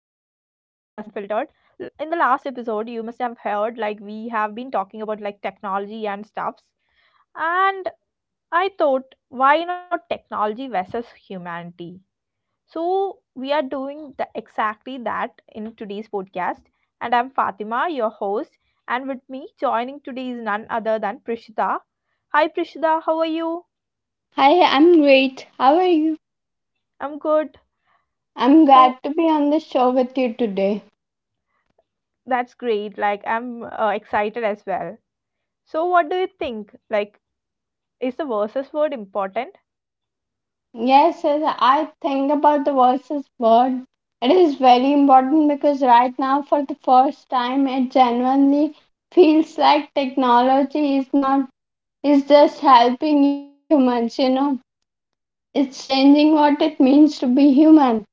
Unfiltered. In the last episode, you must have heard like we have been talking about like technology and stuffs, and I thought, why not technology versus humanity? So, we are doing exactly that in today's podcast, and I'm Fatima, your host, and with me joining today is none other than Prishita. Hi, Prishita, how are you? Hi, I'm great. How are you? I'm good. I'm So, glad to be on the show with you today. that's great. Like, I'm excited as well. So, what do you think? Like, is the versus word important? Yes, as I think about the voices word, it is very important because right now, for the first time, it genuinely feels like technology is not is just helping humans. You know, it's changing what it means to be human.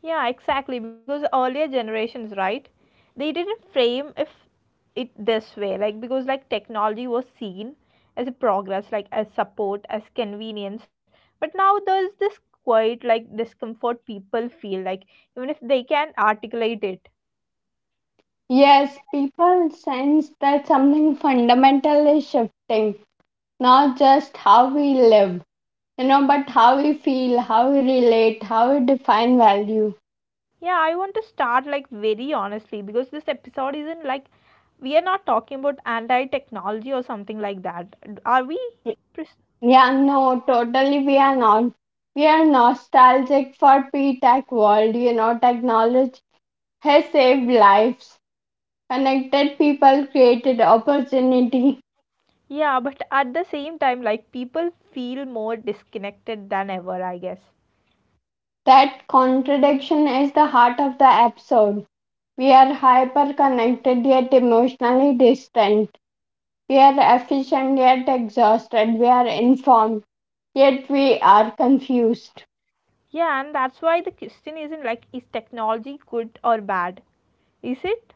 Yeah, exactly. Because earlier generations, right? They didn't frame if it this way. Like, because like technology was seen as a progress, like as support, as convenience. But now there's this quite like discomfort people feel like even if they can articulate it. Yes, people sense that something fundamental is shifting, not just how we live, you know, but how we feel, how we relate, how we define value. Yeah, I want to start like very honestly because this episode isn't like we are not talking about anti technology or something like that. Are we? Pres- Yeah, no, totally, we are not. We are nostalgic for p-tech world, you know. Technology has saved lives, connected people, created opportunity. Yeah, but at the same time, like people feel more disconnected than ever, I guess. That contradiction is the heart of the episode. We are hyper connected yet emotionally distant, we are efficient yet exhausted, we are informed yet we are confused. Yeah, and that's why the question isn't like is technology good or bad? Is it?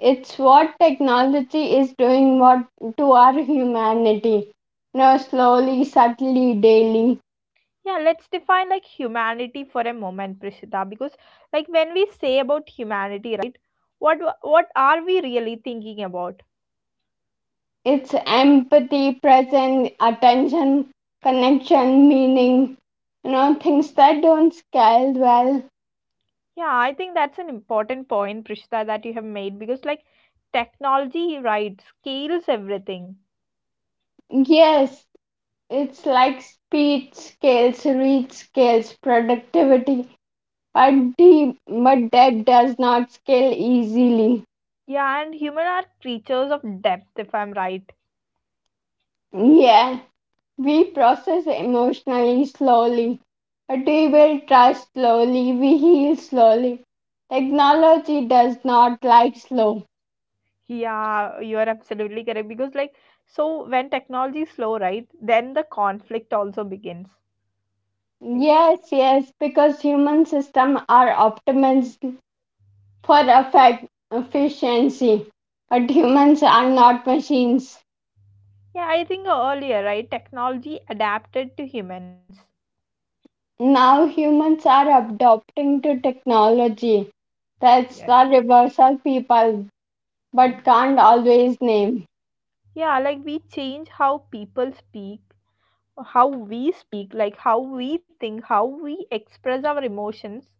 It's what technology is doing, what to our humanity. Now, slowly, subtly, daily. Yeah, let's define like humanity for a moment, Prishita, because like when we say about humanity, right, what are we really thinking about? It's empathy, presence, attention, connection, meaning. You know, things that don't scale well. Yeah, I think that's an important point, Prishita, that you have made because, like, technology, right, scales everything. Yes, it's like speed scales, reach scales, productivity, but depth does not scale easily. Yeah, and human are creatures of depth, if I'm right. Yeah. We process emotionally slowly. We will trust slowly. We heal slowly. Technology does not like slow. Yeah, you are absolutely correct because, like, so when technology is slow, right, then the conflict also begins. Like, Yes, yes, because human systems are optimized for effect efficiency. But humans are not machines. yeah, I think earlier, right, technology adapted to humans. Now humans are adopting to technology. That's Yeah. the reversal people but can't always name. Yeah, like we change how people speak, how we speak, like how we think, how we express our emotions.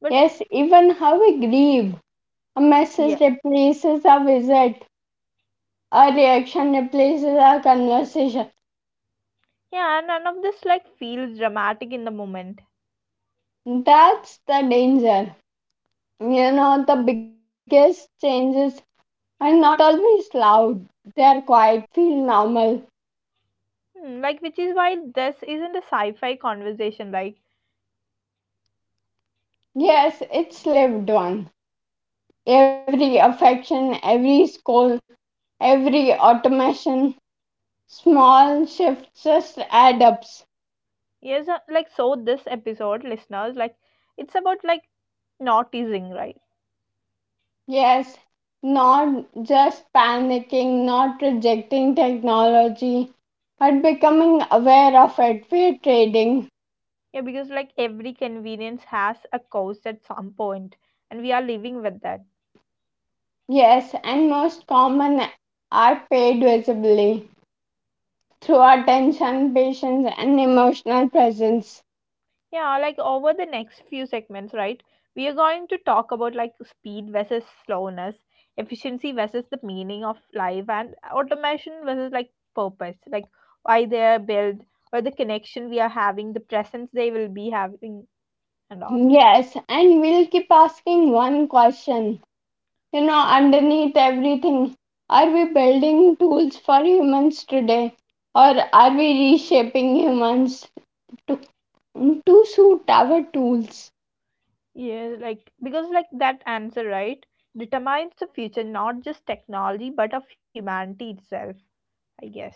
But Yes, even how we grieve. A yeah, message replaces a visit. A reaction replaces a conversation. yeah, none of this like feels dramatic in the moment. That's the danger. You know, the biggest changes are not always loud. They're quiet, feel normal. Hmm, like which is why this isn't a sci-fi conversation. Like Yes, it's lived one. Every affection, every scold, every automation, small shifts just add up. yes, like so this episode, listeners, like it's about like not teasing, right? Yes, not just panicking, not rejecting technology, but becoming aware of it. We're trading. Yeah, because like every convenience has a cost at some point, and we are living with that. Yes, and most common are paid visibly through attention, patience, and emotional presence. Yeah, like over the next few segments, right? We are going to talk about like speed versus slowness, efficiency versus the meaning of life, and automation versus like purpose, like why they are built, or the connection we are having, the presence they will be having, and all. Yes, and we'll keep asking one question. You know, underneath everything, are we building tools for humans today? Or are we reshaping humans to, to suit our tools? Yeah, like because like that answer, right, determines the future, not just technology, but of humanity itself, I guess.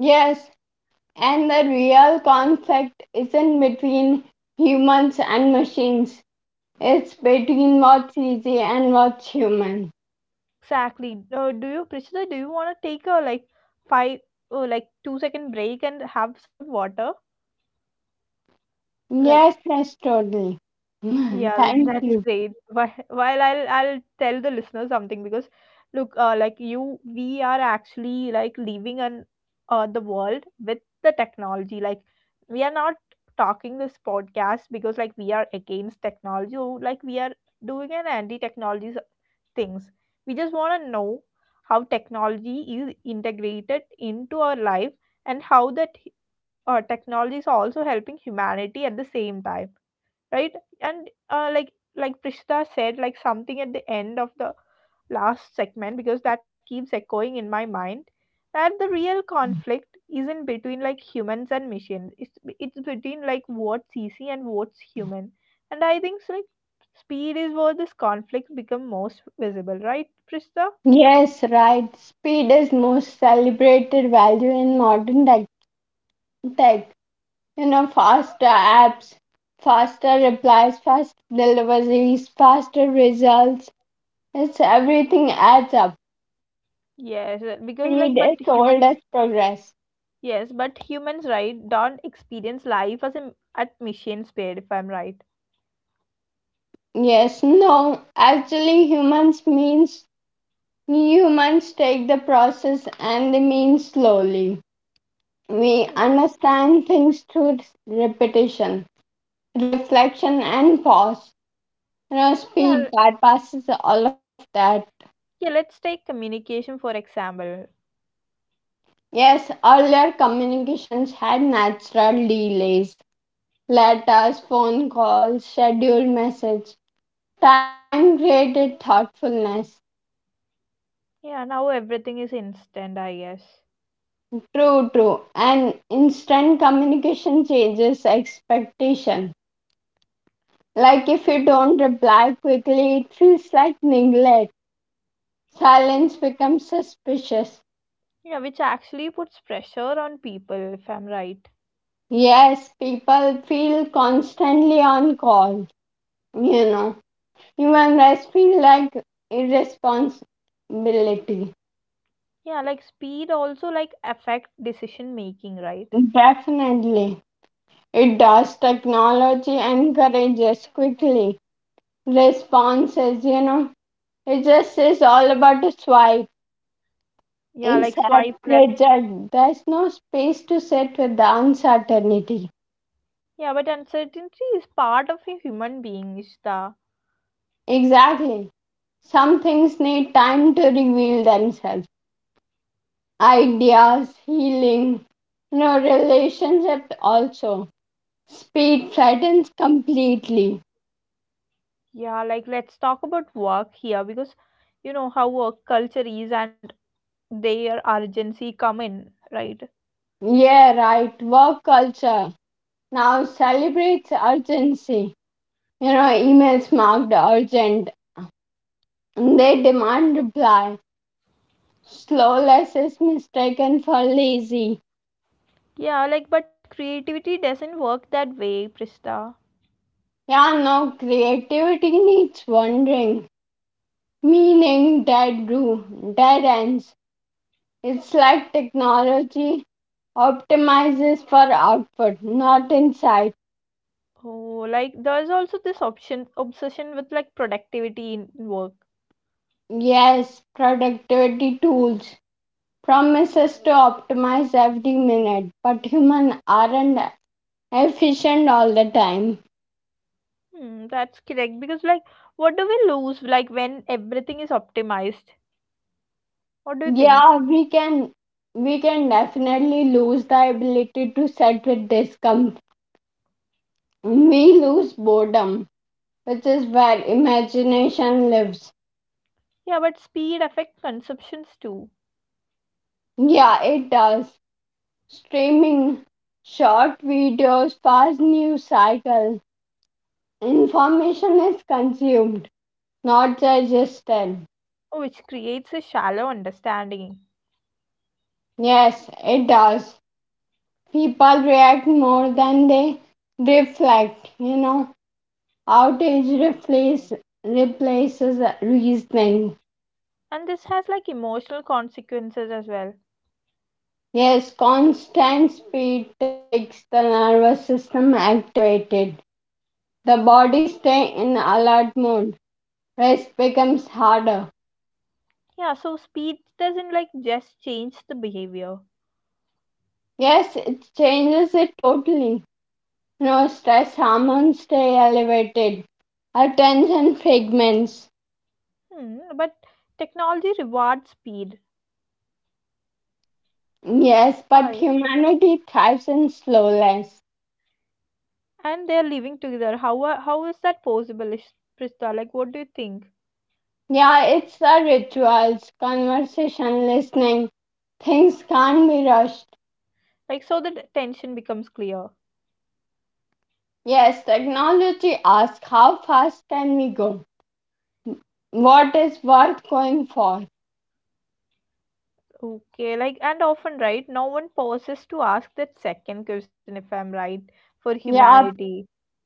Yes, and the real conflict isn't between humans and machines, it's between what's easy and what's human. Exactly. Do you, Priscilla, do you want to take a like five five, oh, like 2 second break and have some water? Like, Yes, yes, totally. yeah, Thank that's you. great. While I'll tell the listeners something because, look, like you, we are actually like leaving an the world with the technology. Like, we are not talking this podcast because like we are against technology. Or, like we are doing an anti-technology things. We just want to know how technology is integrated into our life and how that technology is also helping humanity at the same time, right? And like Prishita said, like something at the end of the last segment because that keeps echoing in my mind that the real conflict isn't between like humans and machines it's between like what's easy and what's human and I think so, like speed is where this conflict become most visible right Prista? Yes, right. Speed is most celebrated value in modern tech. You know, faster apps, faster replies, faster deliveries, faster results. It's everything adds up. Yes because like Speed but humans sold as progress. yes but humans right don't experience life as at machine speed if I'm right. Yes, no. Actually, humans take the process and they mean slowly. We Hmm. understand things through repetition, reflection, and pause. You know, yeah speed l- bypasses all of that. yeah, let's take communication for example. Yes, earlier communications had natural delays, letters, phone calls, scheduled message. Time created thoughtfulness. Yeah, now everything is instant I guess. True, true. And instant communication changes expectation. Like if you don't reply quickly, it feels like neglect. Hmm. Silence becomes suspicious. Yeah, which actually puts pressure on people, if I'm right. Yes, people feel constantly on call. You know, even rest feel like irresponsibility. Yeah, like speed also like affect decision making, right? Definitely, it does. Technology encourages quickly responses. You know, it just is all about a swipe. Yeah, like swipe left. Exactly, judge. There's no space to sit with the uncertainty. Yeah, but uncertainty is part of a human being, Ishta. Exactly. Some things need time to reveal themselves. Ideas, healing, no relationship also. Speed flattens completely. Yeah, like let's talk about work here because you know how work culture is and their urgency come in, right? Yeah, right. Work culture now celebrates urgency. You know, emails marked urgent. They demand reply. Slowness is mistaken for lazy. Yeah, like but creativity doesn't work that way, Prista. Yeah, no, creativity needs wondering, meaning, dead room, dead ends. It's like technology optimizes for output, not insight. Oh, like there's also this option obsession with like productivity in work. Yes, productivity tools promises to optimize every minute, but humans aren't efficient all the time. Hmm, that's correct because like what do we lose like when everything is optimized? What do you think? Yeah, we can definitely lose the ability to sit with discomfort. We lose boredom, which is where imagination lives. Yeah, but speed affects consumptions too, Yeah, it does. Streaming, short videos, fast news cycle. Information is consumed, not digested. which creates a shallow understanding. Yes, it does. People react more than they reflect. You know, outrage replace, replaces reasoning. And this has like emotional consequences as well. Yes, constant speed takes the nervous system activated. The body stays in alert mode. Rest becomes harder. Yeah, so speed doesn't like just change the behavior. Yes, it changes it totally. No, stress hormones stay elevated. Attention fragments. Hmm, but technology rewards speed. Yes, but Why? humanity thrives in slowness. And they're living together. How is that possible, Prista? Like what do you think? Yeah, it's the rituals, conversation, listening. Things can't be rushed. Like so the tension becomes clear. Yes, technology asks how fast can we go? What is worth going for? Okay, like, and often, right, no one pauses to ask that second question, if I'm right, for Yeah. humanity.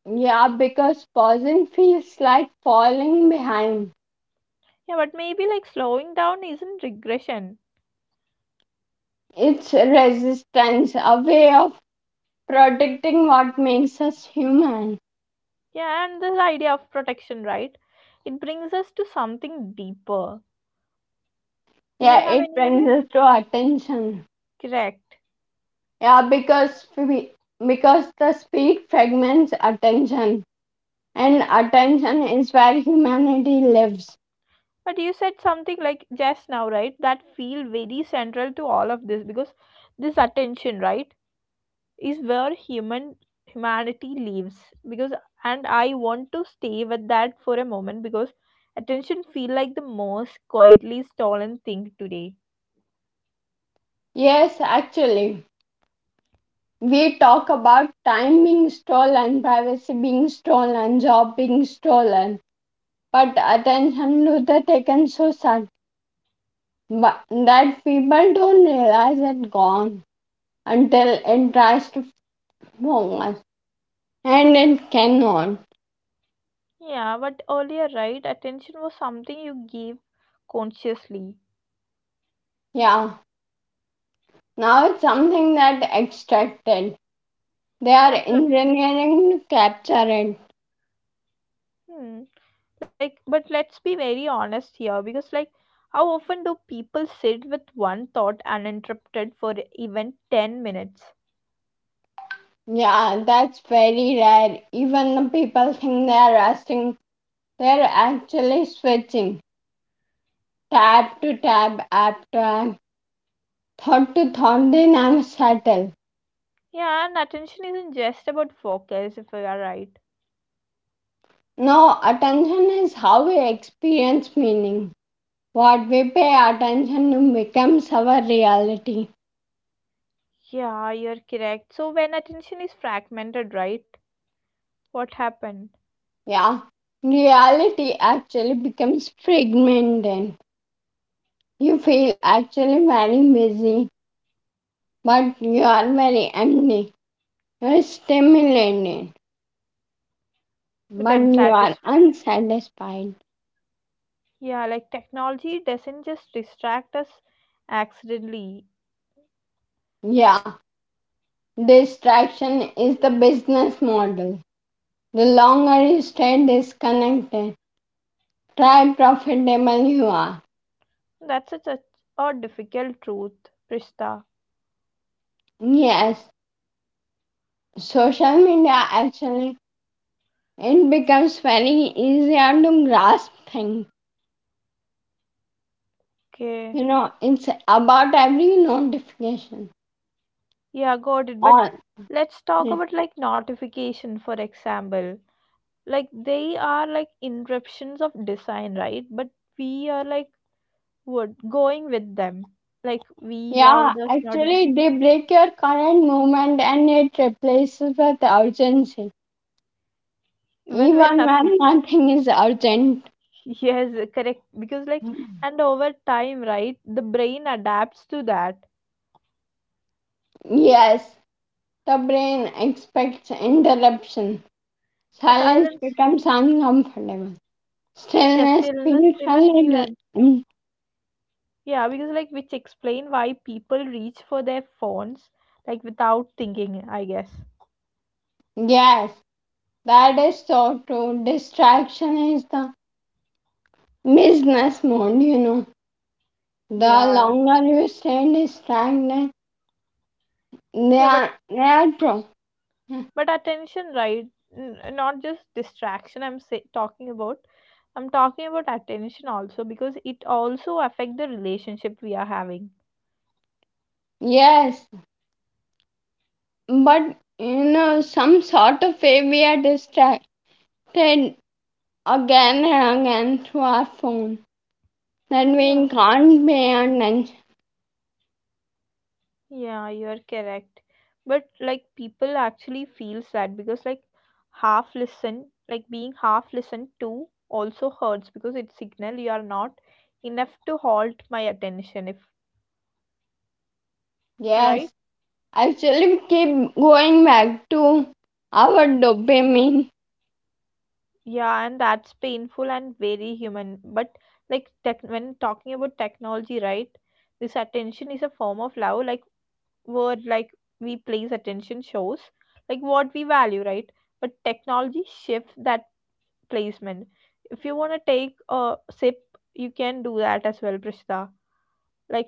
Yeah, because pausing feels like falling behind. Yeah, but maybe like slowing down isn't regression. It's resistance, a way of protecting what makes us human. Yeah, and this idea of protection, right? It brings us to something deeper. Do you Yeah, have it any brings idea? us to attention. Correct. Yeah, because the speed fragments attention, and attention is where humanity lives. But you said something like just now, right? That feel very central to all of this because this attention, right? is where humanity lives because and I want to stay with that for a moment because attention feel like the most quietly stolen thing today. Yes, actually, we talk about time being stolen, privacy being stolen, job being stolen. But attention to the taken so sudden that people don't realize it gone until it tries to form us and it cannot. Yeah but earlier right attention was something you gave consciously. Yeah, now it's something that extracted. They are yeah pl- engineering to capture it. hmm. Like but let's be very honest here because like how often do people sit with one thought uninterrupted for even 10 minutes. Yeah, that's very rare. Even the people think they are resting. They're actually switching tab to tab, app to app, thought to thought. They never settle. Yeah and attention isn't just about focus if we are right. No, attention is how we experience meaning. What we pay attention to becomes our reality. Yeah, you're correct. So when attention is fragmented, right? What happened? Yeah, reality actually becomes fragmented. You feel actually very busy, but you are very empty. You are stimulated, But but you unsatisfied. are unsatisfied. Yeah, like technology doesn't just distract us accidentally. Yeah, distraction is the business model. The longer you stay disconnected, try profitable you are. That's such a difficult truth, Prishta. Yes, social media actually it becomes very easier to grasp things. Okay. You know, it's about every notification. Yeah, got it. But Or let's talk about like notification, for example. Like they are like interruptions of design, right? But we are like what going with them. Like we yeah, love those notifications actually they break your current moment and it replaces with urgency. even when Even nothing. when nothing is urgent. Yes, correct. Because like, and over time, right, the brain adapts to that. Yes, the brain expects interruption. Silence Silence, becomes uncomfortable. yeah, Stillness stillness, feels even a feel un. little. Mm. Yeah, because like, which explain why people reach for their phones like without thinking, I guess. Yes, baddest auto distraction is the business mode, you know. The Yeah, longer you stay distracted, they yeah, are natural. but attention, right? N Not just distraction. I'm say talking about. I'm talking about attention also because it also affect the relationship we are having. Yes, but some sort of way we are distracted again and again through our phone that we Yeah. can't pay attention. Yeah, you're correct. But like people actually feels that because like half listen, like being half listened to also hurts because it signal you are not enough to halt my attention if Yes, right? actually, we keep going back to our dopamine. Yeah, and that's painful and very human. But like tech when talking about technology, right? This attention is a form of love, like word like we place attention shows like what we value, right? But technology shifts that placement. If you want to take a sip, you can do that as well, Prishta. Like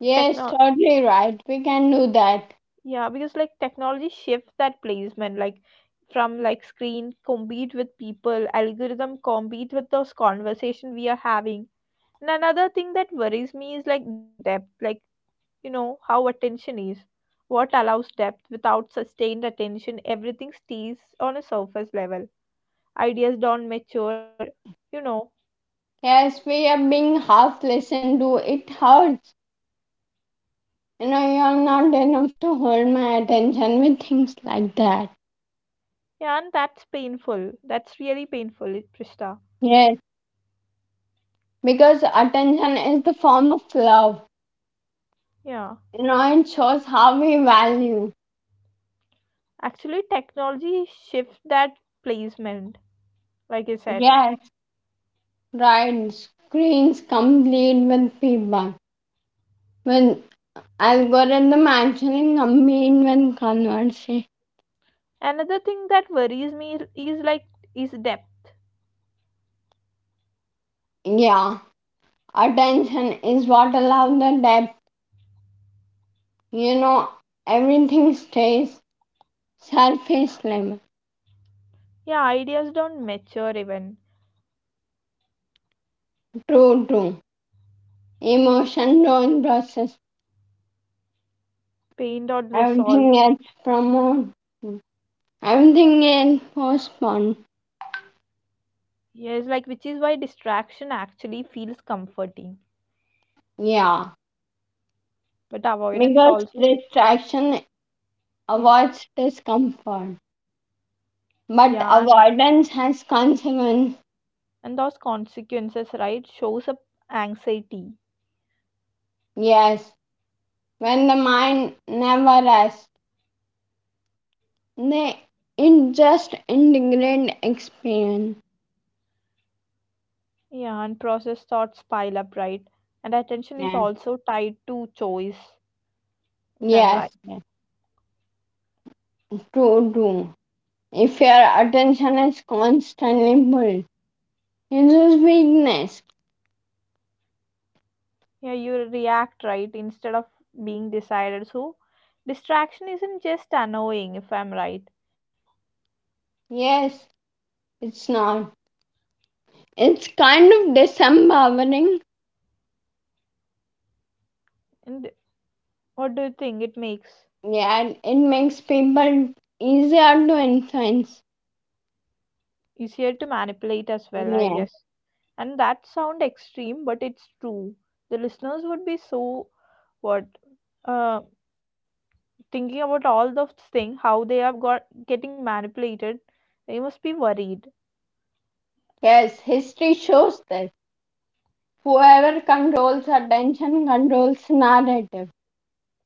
Yes, techno, totally right. We can do that. yeah, because like technology shifts that placement, like from like screen compete with people, algorithm compete with those conversation we are having. And another thing that worries me is like depth, like you know how attention is. What allows depth without sustained attention, everything stays on a surface level. Ideas don't mature, you know. Yes, we are being half listened to. It hurts. You know, you are not enough to hold my attention with things like that. Yeah, and that's painful. That's really painful, Prishta. Yes, because attention is the form of love. Yeah. You know, it shows how we value. Actually, technology shifts that placement, like I said. Yes, right. Screens complete with feedback. With algorithm actually complete with conversation. Another thing that worries me is like is depth. Yeah, attention is what allows the depth. You know, everything stays surface level. Yeah, ideas don't mature even. True, true. Emotion don't process. Pain don't Everything resolve. gets promoted. Everything gets postponed. Yes, like which is why distraction actually feels comforting. Yeah. But avoidance Because also. distraction Yeah. avoids discomfort. But Yeah, avoidance has consequence. and those consequences, right, shows up anxiety. Yes. When the mind never rests, they it just integrate experience. Yeah, and processed thoughts pile up, right? And attention is Yes. also tied to choice, if I'm Yes. right. Yes. True, true. If your attention is constantly pulled, it is weakness. Yeah, you react, right, instead of being decided. So, distraction isn't just annoying, if I'm right. Yes, it's not. It's kind of disempowering. And what do you think it makes? Yeah, and it makes people easier to influence. Easier to manipulate as well, I Yeah. guess. And that sound extreme, but it's true. The listeners would be so what uh, thinking about all those things, how they are got getting manipulated. They must be worried. Yes, history shows that whoever controls attention controls narrative.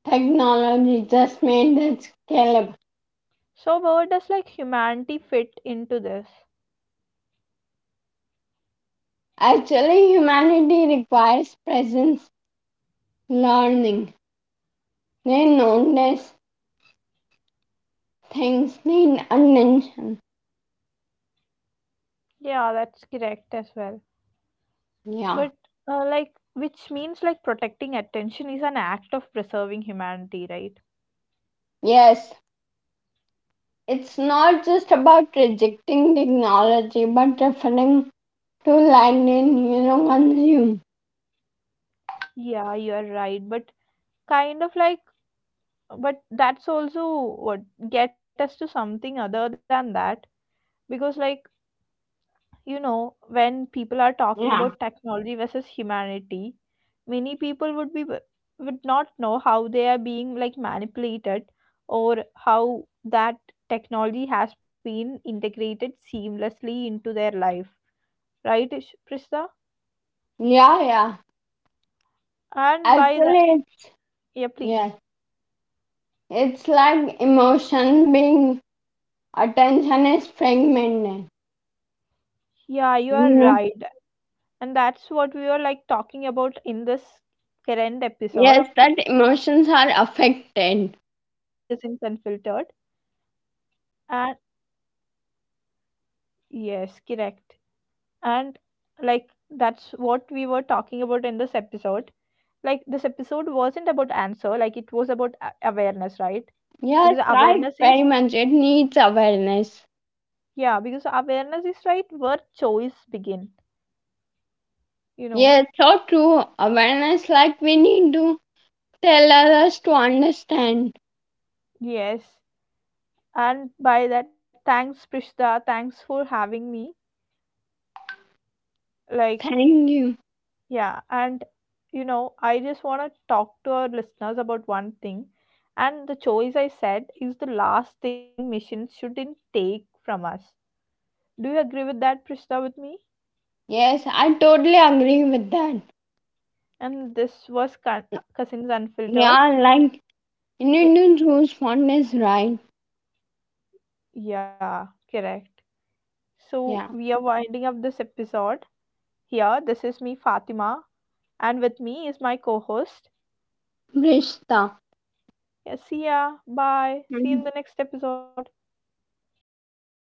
Technology just made it scalable. So, where does like humanity fit into this? Actually, humanity requires presence, learning. They notice things need attention. Yeah, that's correct as well. Yeah. But like, which means like protecting attention is an act of preserving humanity, right? Yes. It's not just about rejecting technology, but referring to land in, you know, consume. Yeah, you're right. But kind of like, but that's also what get us to something other than that because like you know, when people are Yeah. talking about technology versus humanity, many people would not know how they are being like manipulated or how that technology has been integrated seamlessly into their life, right, Prishta? Yeah, yeah. And by the Actually, yeah, yes. please. It's like emotion being attention is fragmented. Yeah, you You are know, right. And that's what we were like talking about in this current episode yes, of that Cousins emotions are Unfiltered. affected. And yes, correct. And like that's what we were talking about in this episode like this episode wasn't about answer like it was about awareness right because Yes, awareness right, is very much. It needs awareness. yeah because awareness is right where choice begin you know Yes, so true. Awareness, like we need to tell others to understand. yes and by that thanks Prishta thanks for having me like Thank you. yeah and you know I just want to talk to our listeners about one thing and the choice I said is the last thing missions shouldn't take from us. Do you agree with that, Prishta, with me? Yes, I totally agree with that. And this was Cousins Unfiltered. Yeah, like Yeah, Indian rules fondness, right? yeah, correct. So Yeah. we are winding up this episode here. This is me, Fatima, and with me is my co-host. Rishta. Yeah, see ya. Bye. See you in the next episode.